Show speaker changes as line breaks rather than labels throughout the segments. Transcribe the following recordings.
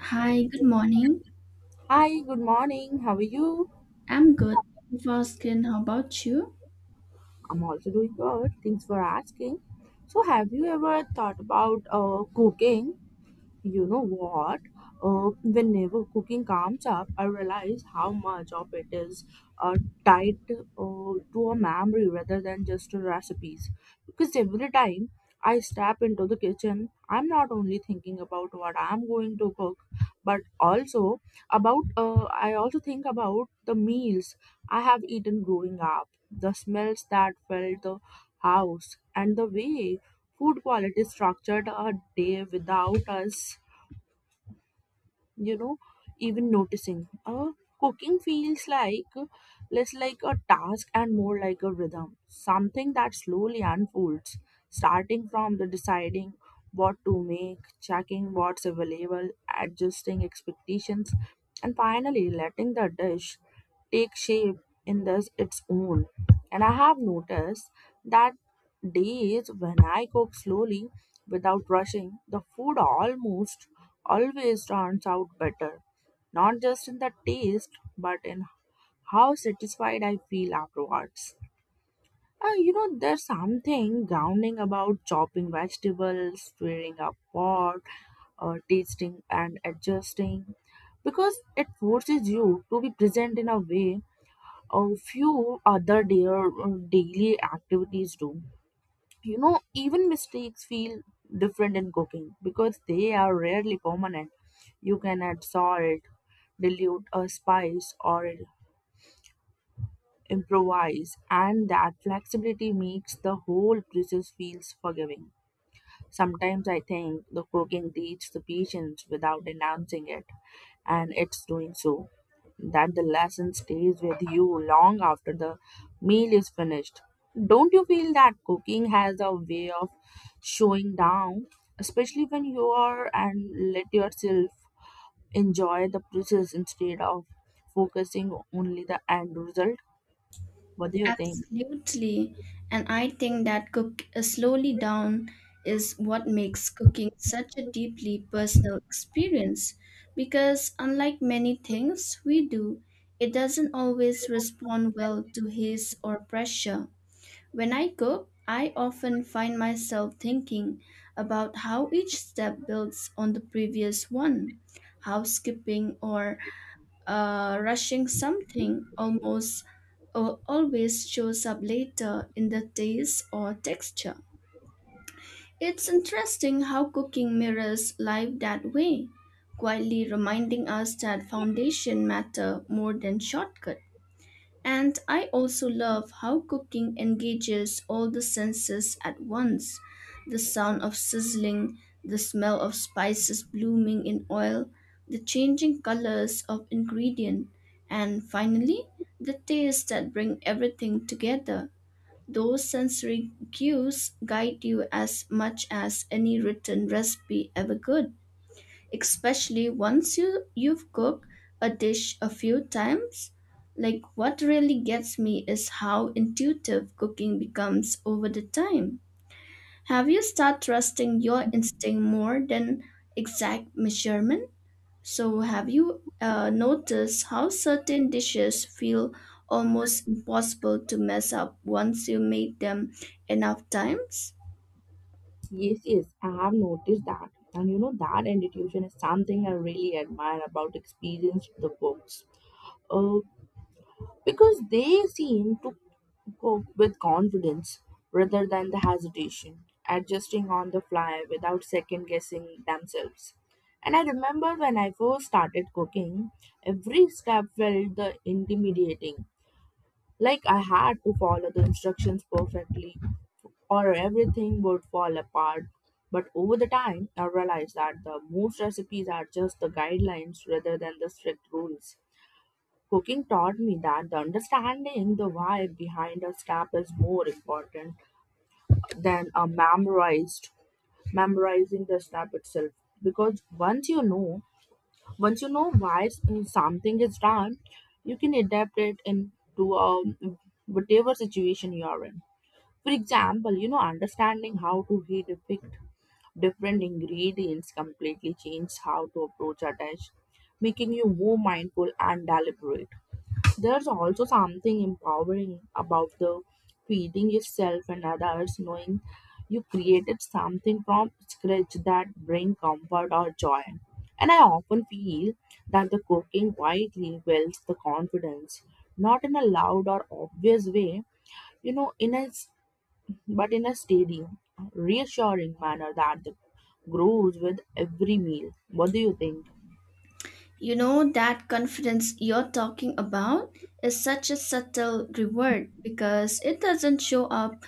Hi, good morning.
Hi, good morning. How are you?
I'm good. Thank you for asking, how about you?
I'm also doing good. Thanks for asking. So, have you ever thought about cooking? You know what? Whenever cooking comes up, I realize how much of it is uh, tied to a memory rather than just to recipes. Because every time I step into the kitchen, I'm not only thinking about what I'm going to cook, but also about I also think about the meals I have eaten growing up, the smells that filled the house, and the way food quality structured a day without us you know even noticing. Cooking feels like less like a task and more like a rhythm, something that slowly unfolds, starting from the deciding what to make, checking what's available, adjusting expectations, and finally letting the dish take shape in this its own. And I have noticed that days when I cook slowly, without rushing, the food almost always turns out better, not just in the taste, but in how satisfied I feel afterwards. You know, there's something grounding about chopping vegetables, stirring a pot, or tasting and adjusting, because it forces you to be present in a way a few other dear, daily activities do. You know, even mistakes feel different in cooking because they are rarely permanent. You can add salt, dilute a spice, or improvise, and that flexibility makes the whole process feels forgiving. Sometimes I think the cooking teaches the patience without announcing it, and it's doing so. That the lesson stays with you long after the meal is finished. Don't you feel that cooking has a way of showing down, especially when you are and let yourself enjoy the process instead of focusing only the end result? What do you think?
Absolutely. And I think that cook slowly down is what makes cooking such a deeply personal experience because unlike many things we do, it doesn't always respond well to haste or pressure. When I cook, I often find myself thinking about how each step builds on the previous one, how skipping or rushing something almost always shows up later in the taste or texture. It's interesting how cooking mirrors life that way, quietly reminding us that foundation matter more than shortcut. And I also love how cooking engages all the senses at once, the sound of sizzling, the smell of spices blooming in oil, the changing colors of ingredient, and finally, the taste that bring everything together. Those sensory cues guide you as much as any written recipe ever could, especially once you've cooked a dish a few times. Like, what really gets me is how intuitive cooking becomes over the time. Have you start trusting your instinct more than exact measurement? So have you noticed how certain dishes feel almost impossible to mess up once you make them enough times?
Yes, yes, I have noticed that. And you know, that intuition is something I really admire about experienced the books. Uh, because they seem to cope with confidence rather than the hesitation, adjusting on the fly without second guessing themselves. And I remember when I first started cooking, every step felt the intimidating, like I had to follow the instructions perfectly or everything would fall apart. But over the time, I realized that the most recipes are just the guidelines rather than the strict rules. Cooking taught me that the understanding the why behind a step is more important than a memorized memorizing the step itself. Because once you know why something is done, you can adapt it into whatever situation you are in. For example, you know, understanding how to heat depict different ingredients completely changes how to approach a dish, making you more mindful and deliberate. There's also something empowering about the feeding yourself and others, knowing you created something from scratch that bring comfort or joy. And I often feel that the cooking quietly builds the confidence, not in a loud or obvious way, you know, in a but in a steady, reassuring manner that the grows with every meal. What do you think?
You know, that confidence you're talking about is such a subtle reward because it doesn't show up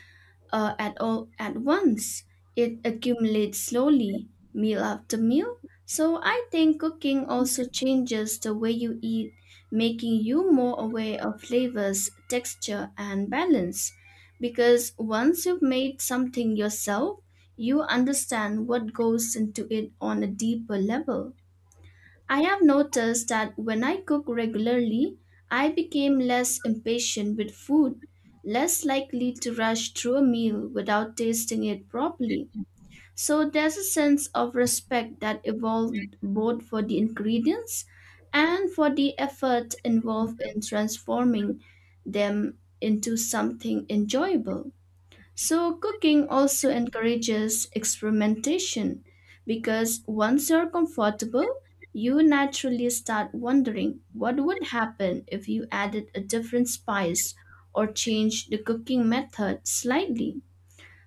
at all at once. It accumulates slowly, meal after meal. So I think cooking also changes the way you eat, making you more aware of flavors, texture, and balance. Because once you've made something yourself, you understand what goes into it on a deeper level. I have noticed that when I cook regularly, I became less impatient with food, less likely to rush through a meal without tasting it properly. So there's a sense of respect that evolved both for the ingredients and for the effort involved in transforming them into something enjoyable. So, cooking also encourages experimentation because once you're comfortable, you naturally start wondering what would happen if you added a different spice or changed the cooking method slightly.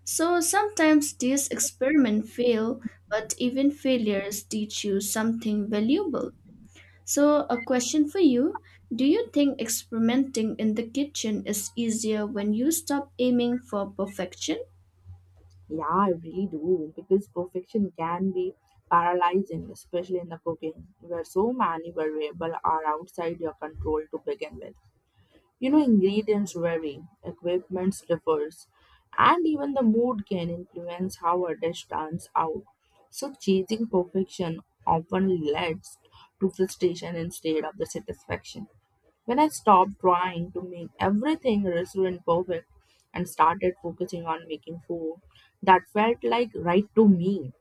So, sometimes these experiments fail, but even failures teach you something valuable. So, a question for you. Do you think experimenting in the kitchen is easier when you stop aiming for perfection?
Yeah, I really do because perfection can be paralyzing, especially in the cooking, where so many variables are outside your control to begin with. You know, ingredients vary, equipment differs, and even the mood can influence how a dish turns out. So, chasing perfection often leads to frustration instead of the satisfaction. When I stopped trying to make everything restaurant perfect and started focusing on making food that felt like right to me,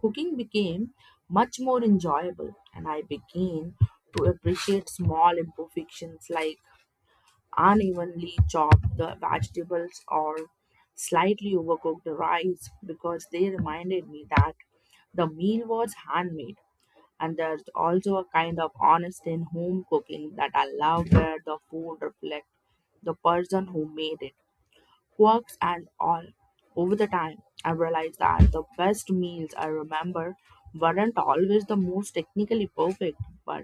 cooking became much more enjoyable, and I began to appreciate small imperfections like unevenly chop the vegetables or slightly overcook the rice because they reminded me that the meal was handmade. And there's also a kind of honesty in home cooking that I love, where the food reflects the person who made it, works and all. Over the time, I realized that the best meals I remember weren't always the most technically perfect, but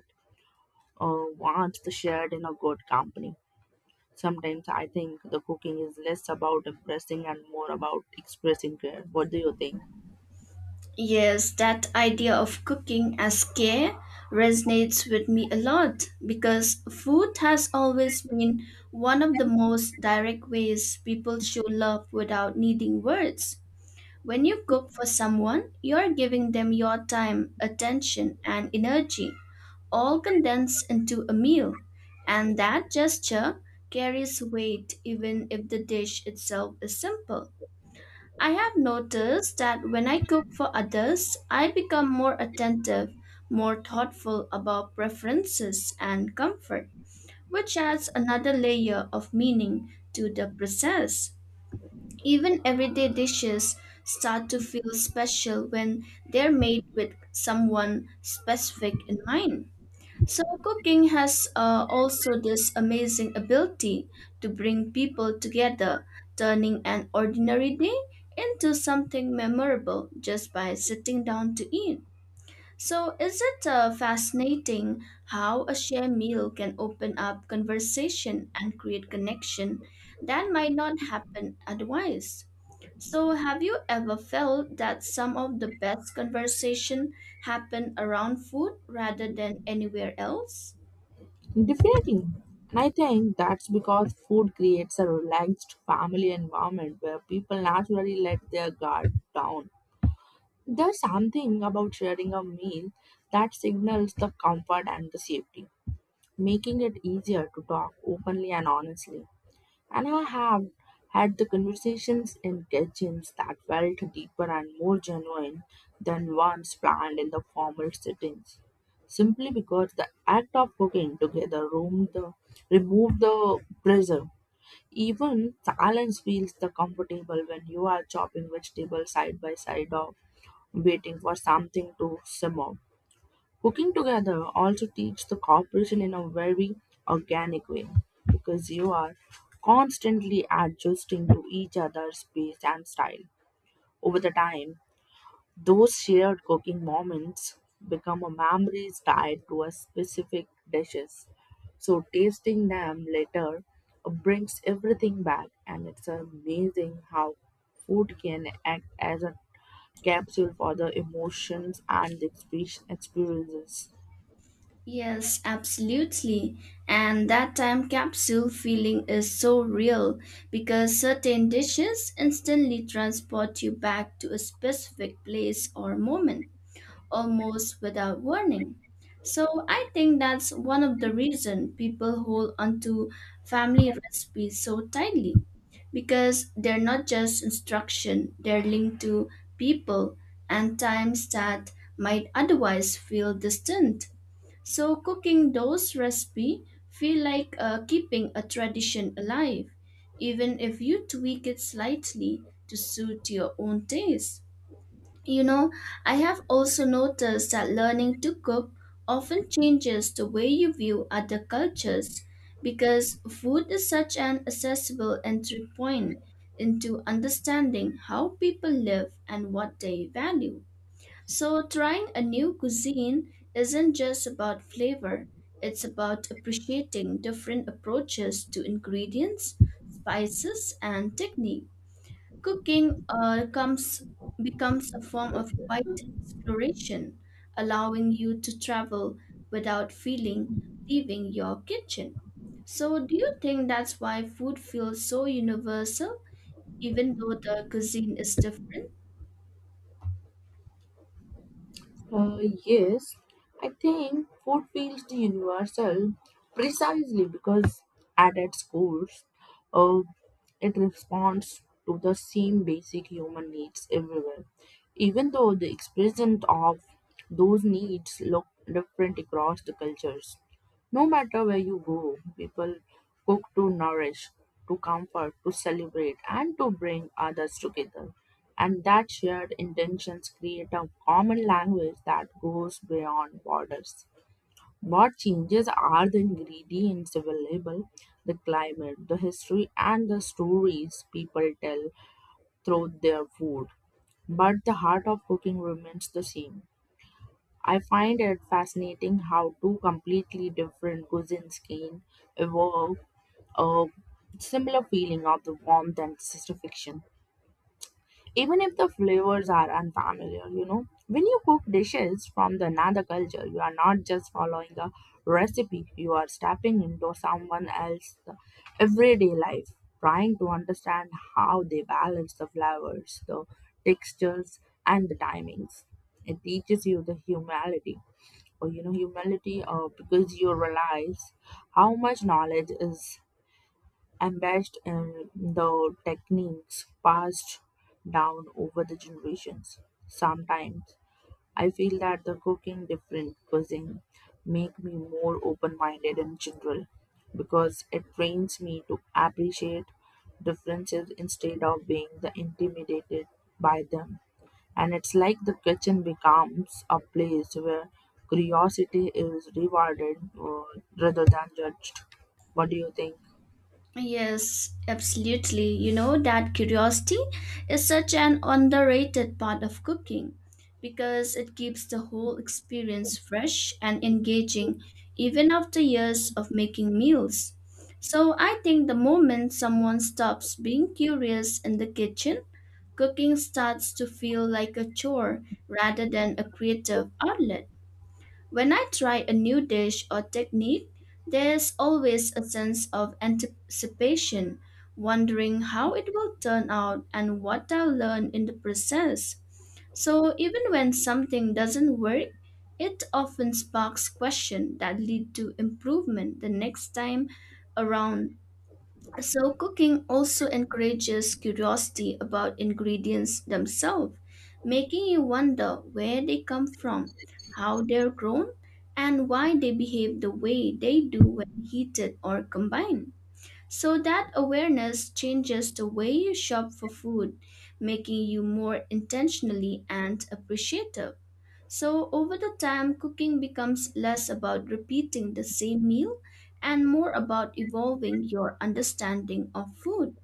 once shared in a good company. Sometimes I think the cooking is less about impressing and more about expressing care. What do you think?
Yes, that idea of cooking as care resonates with me a lot because food has always been one of the most direct ways people show love without needing words. When you cook for someone, you're giving them your time, attention, and energy, all condensed into a meal. And that gesture carries weight even if the dish itself is simple. I have noticed that when I cook for others, I become more attentive, more thoughtful about preferences and comfort, which adds another layer of meaning to the process. Even everyday dishes start to feel special when they're made with someone specific in mind. So, cooking has also this amazing ability to bring people together, turning an ordinary day into something memorable just by sitting down to eat. So, is it fascinating how a shared meal can open up conversation and create connection that might not happen otherwise? So, have you ever felt that some of the best conversation happen around food rather than anywhere else?
Definitely. And I think that's because food creates a relaxed family environment where people naturally let their guard down. There's something about sharing a meal that signals the comfort and the safety, making it easier to talk openly and honestly. And I have had the conversations in kitchens that felt deeper and more genuine than ones planned in the formal settings. Simply because the act of cooking together room the remove the pressure. Even silence feels the comfortable when you are chopping vegetables side by side or waiting for something to simmer. Cooking together also teaches the cooperation in a very organic way because you are constantly adjusting to each other's pace and style. Over the time, those shared cooking moments become a memories tied to a specific dishes. So tasting them later brings everything back, and it's amazing how food can act as a capsule for the emotions and the experiences.
Yes, absolutely. And that time capsule feeling is so real because certain dishes instantly transport you back to a specific place or moment, almost without warning. So I think that's one of the reason people hold onto family recipes so tightly because they're not just instruction, they're linked to people and times that might otherwise feel distant. So cooking those recipes feel like keeping a tradition alive, even if you tweak it slightly to suit your own taste. You know, I have also noticed that learning to cook often changes the way you view other cultures because food is such an accessible entry point into understanding how people live and what they value. So, trying a new cuisine isn't just about flavor, it's about appreciating different approaches to ingredients, spices, and technique. Cooking uh, comes, Becomes a form of quiet exploration, allowing you to travel without feeling leaving your kitchen. So, do you think that's why food feels so universal, even though the cuisine is different?
Uh, yes, I think food feels universal precisely because at its core, uh, it responds to the same basic human needs everywhere, even though the expression of those needs look different across the cultures. No matter where you go, people cook to nourish, to comfort, to celebrate, and to bring others together. And that shared intentions create a common language that goes beyond borders. What changes are the ingredients available, the climate, the history, and the stories people tell through their food. But the heart of cooking remains the same. I find it fascinating how two completely different cuisines can evoke a similar feeling of the warmth and satisfaction, even if the flavors are unfamiliar, you know. When you cook dishes from the another culture, you are not just following a recipe, you are stepping into someone else's everyday life, trying to understand how they balance the flavors, the textures, and the timings. It teaches you the humility, or you know humility, or because you realize how much knowledge is embedded in the techniques passed down over the generations. Sometimes I feel that the cooking different cuisine make me more open-minded in general because it trains me to appreciate differences instead of being the intimidated by them. And it's like the kitchen becomes a place where curiosity is rewarded, rather than judged. What do you think?
Yes, absolutely. You know, that curiosity is such an underrated part of cooking because it keeps the whole experience fresh and engaging even after years of making meals. So I think the moment someone stops being curious in the kitchen, cooking starts to feel like a chore rather than a creative outlet. When I try a new dish or technique, there's always a sense of anticipation, wondering how it will turn out and what I'll learn in the process. So even when something doesn't work, it often sparks questions that lead to improvement the next time around. So, cooking also encourages curiosity about ingredients themselves, making you wonder where they come from, how they're grown, and why they behave the way they do when heated or combined. So, that awareness changes the way you shop for food, making you more intentionally and appreciative. So, over the time, cooking becomes less about repeating the same meal and more about evolving your understanding of food.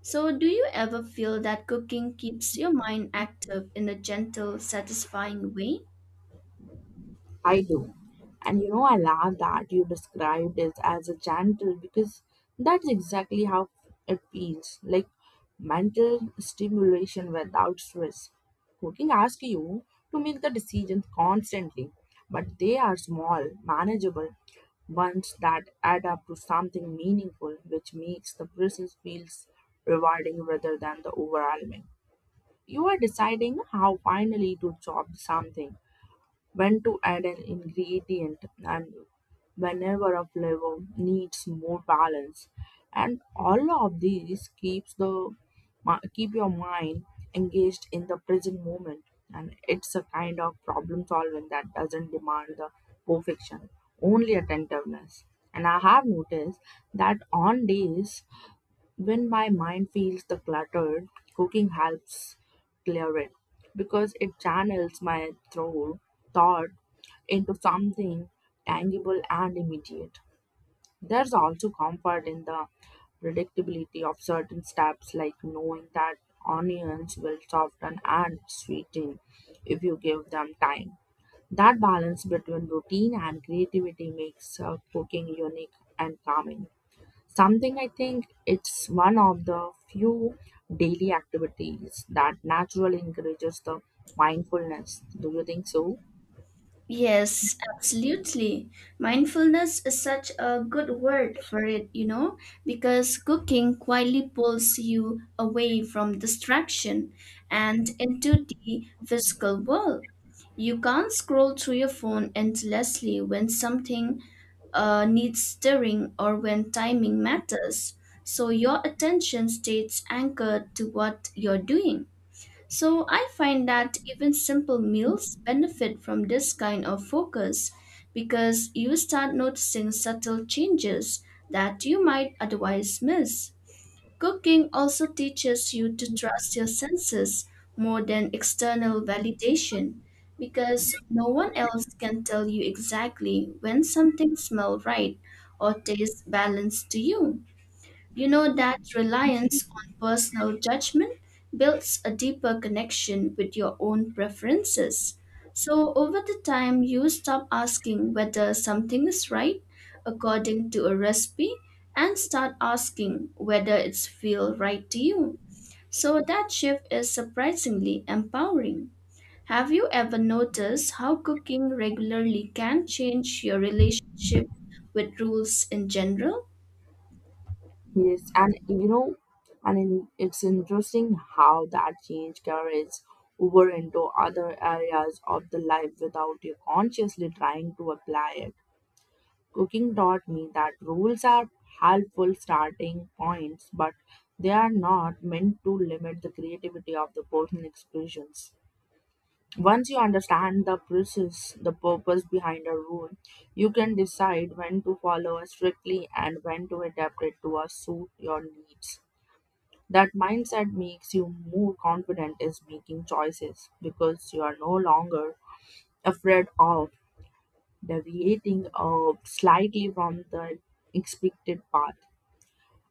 So, do you ever feel that cooking keeps your mind active in a gentle, satisfying way?
I do. And you know, I love that you described it as a gentle, because that's exactly how it feels like mental stimulation without stress. Cooking asks you to make the decisions constantly, but they are small, manageable ones that add up to something meaningful, which makes the process feels rewarding rather than the overwhelming. You are deciding how finally to chop something, when to add an ingredient, and whenever a flavor needs more balance. And all of these keeps the keep your mind engaged in the present moment. And it's a kind of problem solving that doesn't demand the perfection, only attentiveness. And I have noticed that on days when my mind feels the cluttered, cooking helps clear it because it channels my throat thought into something tangible and immediate. There's also comfort in the predictability of certain steps, like knowing that onions will soften and sweeten if you give them time. That balance between routine and creativity makes cooking unique and calming. Something I think it's one of the few daily activities that naturally encourages the mindfulness. Do you think so?
Yes, absolutely. Mindfulness is such a good word for it, you know, because cooking quietly pulls you away from distraction and into the physical world. You can't scroll through your phone endlessly when something needs stirring or when timing matters. So your attention stays anchored to what you're doing. So I find that even simple meals benefit from this kind of focus because you start noticing subtle changes that you might otherwise miss. Cooking also teaches you to trust your senses more than external validation because no one else can tell you exactly when something smells right or tastes balanced to you. You know, that reliance on personal judgment builds a deeper connection with your own preferences. So, over the time, you stop asking whether something is right according to a recipe and start asking whether it's feel right to you. So, that shift is surprisingly empowering. Have you ever noticed how cooking regularly can change your relationship with rules in general?
Yes, and you know, it's interesting how that change carries over into other areas of the life without you consciously trying to apply it. Cooking taught me that rules are helpful starting points, but they are not meant to limit the creativity of the personal expressions. Once you understand the process, the purpose behind a rule, you can decide when to follow it strictly and when to adapt it to suit your needs. That mindset makes you more confident in making choices because you are no longer afraid of deviating slightly from the expected path.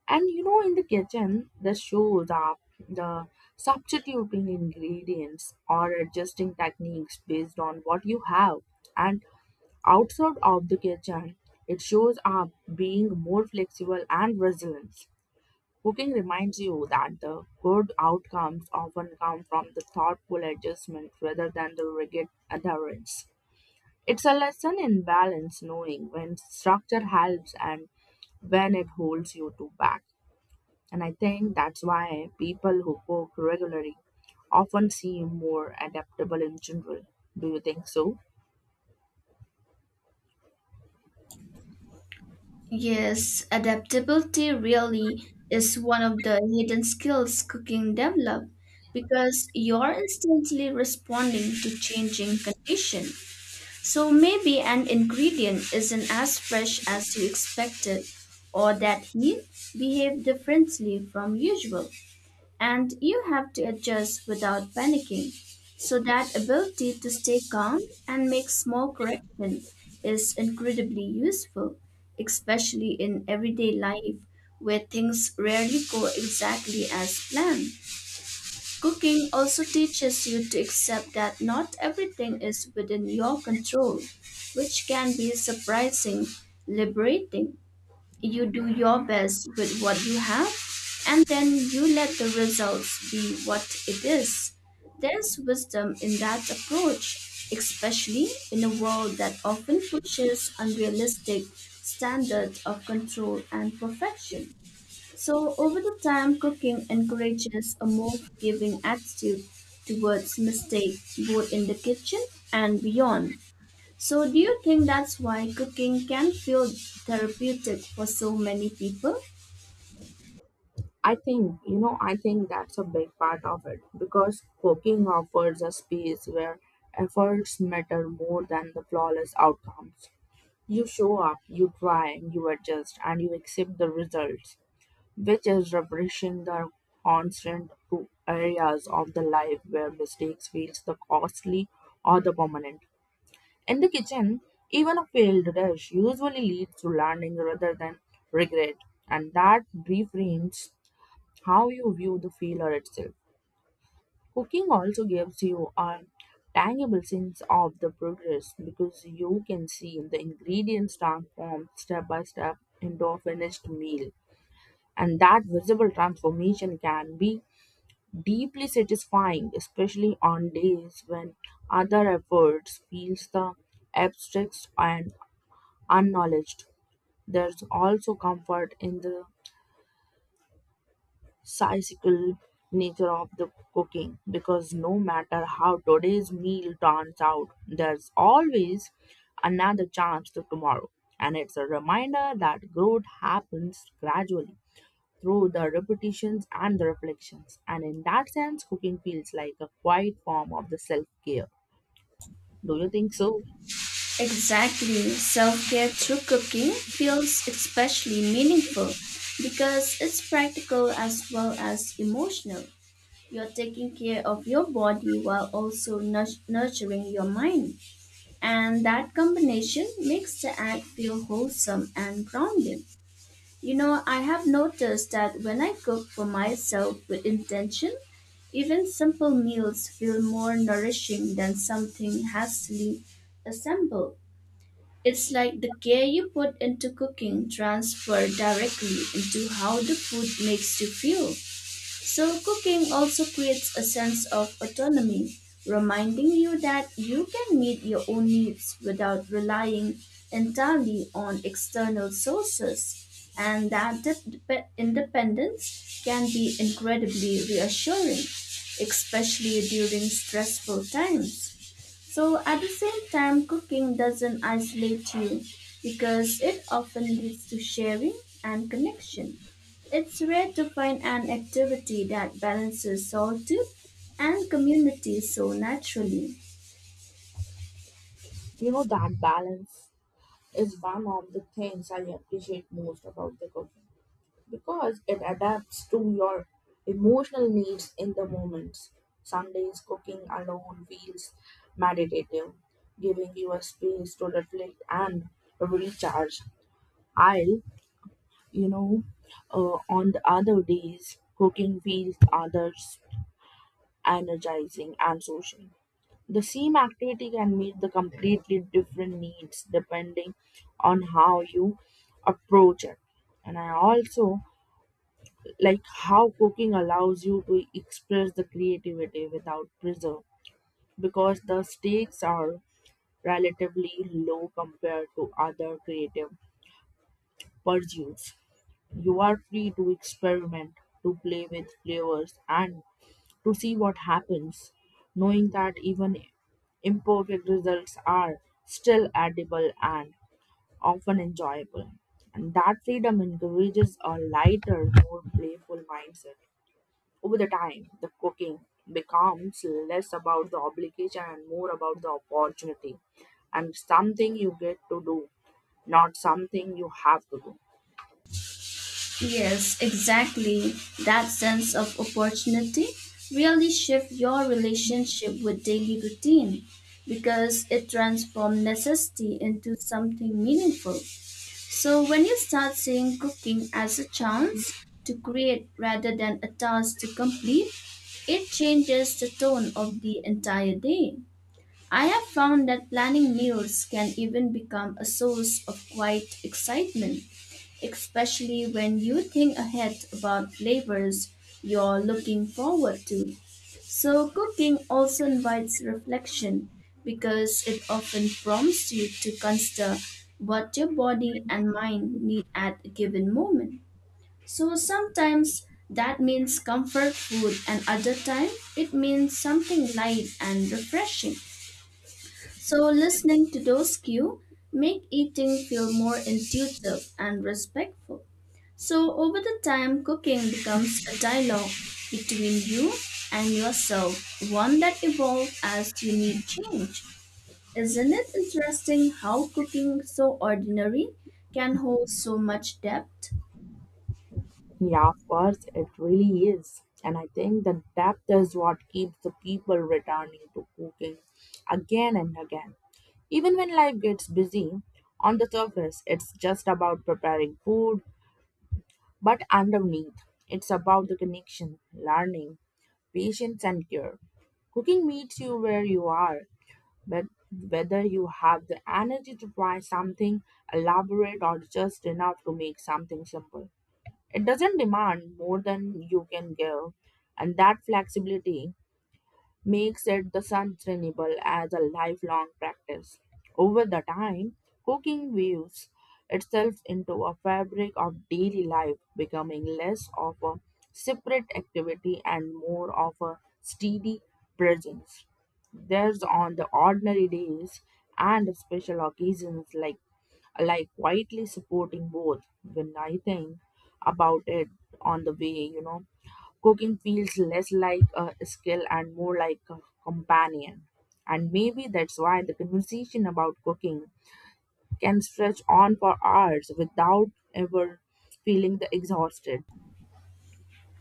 And you know, in the kitchen, the shows up the substituting ingredients or adjusting techniques based on what you have. And outside of the kitchen, it shows up being more flexible and resilient. Cooking reminds you that the good outcomes often come from the thoughtful adjustment rather than the rigid adherence. It's a lesson in balance, knowing when structure helps and when it holds you to back. And I think that's why people who cook regularly often seem more adaptable in general. Do you think so?
Yes, adaptability really is one of the hidden skills cooking develop because you're instantly responding to changing condition. So maybe an ingredient isn't as fresh as you expected or that heat behave differently from usual. And you have to adjust without panicking. So that ability to stay calm and make small corrections is incredibly useful, especially in everyday life where things rarely go exactly as planned. Cooking also teaches you to accept that not everything is within your control, which can be surprising, liberating. You do your best with what you have, and then you let the results be what it is. There's wisdom in that approach, especially in a world that often pushes unrealistic standards of control and perfection. So, over the time, cooking encourages a more forgiving attitude towards mistake, both in the kitchen and beyond. So, do you think that's why cooking can feel therapeutic for so many people?
I think, you know, I think that's a big part of it because cooking offers a space where efforts matter more than the flawless outcomes. You show up, you try, you adjust, and you accept the results, which is refreshing the constant areas of the life where mistakes feels the costly or the permanent. In the kitchen, even a failed dish usually leads to learning rather than regret, and that reframes how you view the failure itself. Cooking also gives you a tangible sense of the progress because you can see the ingredients transformed step by step into a finished meal, and that visible transformation can be deeply satisfying, especially on days when other efforts feels the abstract and unacknowledged. There's also comfort in the cyclical nature of the cooking because no matter how today's meal turns out, there's always another chance to tomorrow. And it's a reminder that growth happens gradually through the repetitions and the reflections. And in that sense, cooking feels like a quiet form of the self care. Do you think so?
Exactly. Self care through cooking feels especially meaningful because it's practical as well as emotional. You're taking care of your body while also nurturing your mind. And that combination makes the act feel wholesome and grounding. You know, I have noticed that when I cook for myself with intention, even simple meals feel more nourishing than something hastily assembled. It's like the care you put into cooking transfer directly into how the food makes you feel. So, cooking also creates a sense of autonomy, reminding you that you can meet your own needs without relying entirely on external sources, and that independence can be incredibly reassuring, especially during stressful times. So at the same time, cooking doesn't isolate you because it often leads to sharing and connection. It's rare to find an activity that balances solitude and community so naturally.
You know, that balance is one of the things I appreciate most about the cooking because it adapts to your emotional needs in the moments. Some days cooking alone feels meditative, giving you a space to reflect and recharge. I'll, you know, on the other days, cooking feels others energizing and social. The same activity can meet the completely different needs depending on how you approach it. And I also like how cooking allows you to express the creativity without pressure because the stakes are relatively low compared to other creative pursuits. You are free to experiment, to play with flavors and to see what happens, knowing that even imperfect results are still edible and often enjoyable, and that freedom encourages a lighter, more playful mindset. Over the time, the cooking becomes less about the obligation and more about the opportunity, and something you get to do, not something you have to do.
Yes, exactly. That sense of opportunity really shifts your relationship with daily routine because it transforms necessity into something meaningful. So, when you start seeing cooking as a chance to create rather than a task to complete, it changes the tone of the entire day. I have found that planning meals can even become a source of quiet excitement, especially when you think ahead about flavors you're looking forward to. So, cooking also invites reflection because it often prompts you to consider what your body and mind need at a given moment. So, sometimes that means comfort food, and other time it means something light and refreshing. So listening to those cues make eating feel more intuitive and respectful. So over the time, cooking becomes a dialogue between you and yourself, one that evolves as you need change. Isn't it interesting how cooking so ordinary can hold so much depth?
Yeah, of course, it really is. And I think the depth is what keeps the people returning to cooking again and again. Even when life gets busy, on the surface, it's just about preparing food. But underneath, it's about the connection, learning, patience, and care. Cooking meets you where you are, but whether you have the energy to try something elaborate or just enough to make something simple, it doesn't demand more than you can give, and that flexibility makes it the sustainable as a lifelong practice. Over the time, cooking weaves itself into a fabric of daily life, becoming less of a separate activity and more of a steady presence. There's on the ordinary days and special occasions, like quietly supporting both. When I think about it on the way, you know, cooking feels less like a skill and more like a companion. And maybe that's why the conversation about cooking can stretch on for hours without ever feeling the exhausted.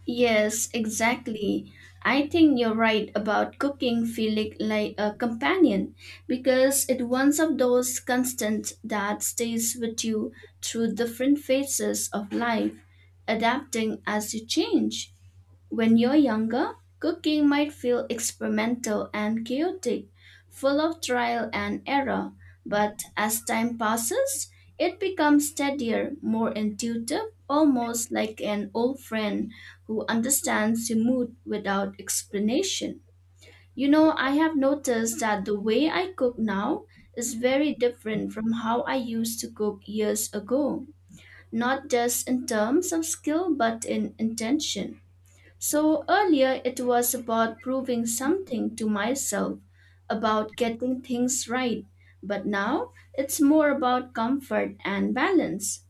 Yes, exactly. I think you're right about cooking feeling like a companion because it one of those constant that stays with you through different phases of life, adapting as you change. When you're younger, cooking might feel experimental and chaotic, full of trial and error. But as time passes, it becomes steadier, more intuitive, almost like an old friend who understands your mood without explanation. You know, I have noticed that the way I cook now is very different from how I used to cook years ago, not just in terms of skill, but in intention. So earlier it was about proving something to myself, about getting things right, but now it's more about comfort and balance.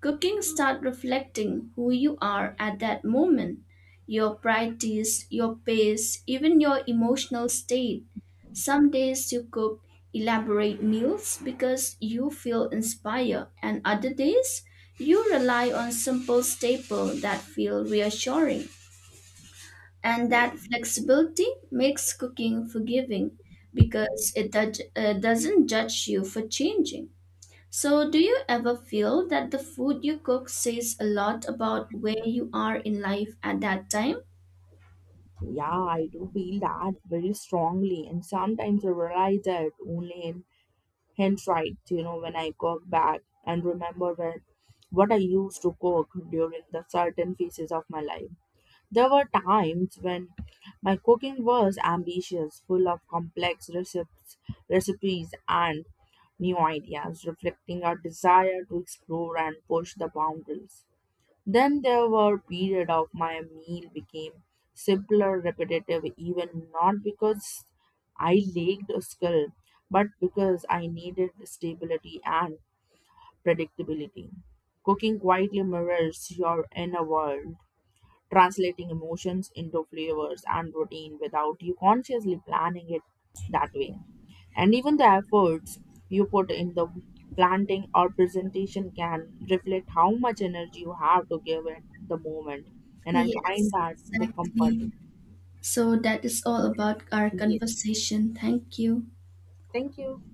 Cooking start reflecting who you are at that moment, your priorities, your pace, even your emotional state. Some days you cook elaborate meals because you feel inspired, and other days you rely on simple staple that feel reassuring. And that flexibility makes cooking forgiving because it doesn't judge you for changing. So, do you ever feel that the food you cook says a lot about where you are in life at that time?
Yeah, I do feel that very strongly, and sometimes I realize that only in hindsight, you know, when I go back and remember when what I used to cook during the certain phases of my life. There were times when my cooking was ambitious, full of complex recipes, and new ideas, reflecting our desire to explore and push the boundaries. Then there were periods of my meal became simpler, repetitive, even not because I lacked skill, but because I needed stability and predictability. Cooking quietly mirrors your inner world, translating emotions into flavors and routine without you consciously planning it that way. And even the efforts you put in the planting or presentation can reflect how much energy you have to give at the moment. And I find
Yes,
that the comforting.
exactly. So, that is all about our
Yes.
conversation. Thank you.
Thank you.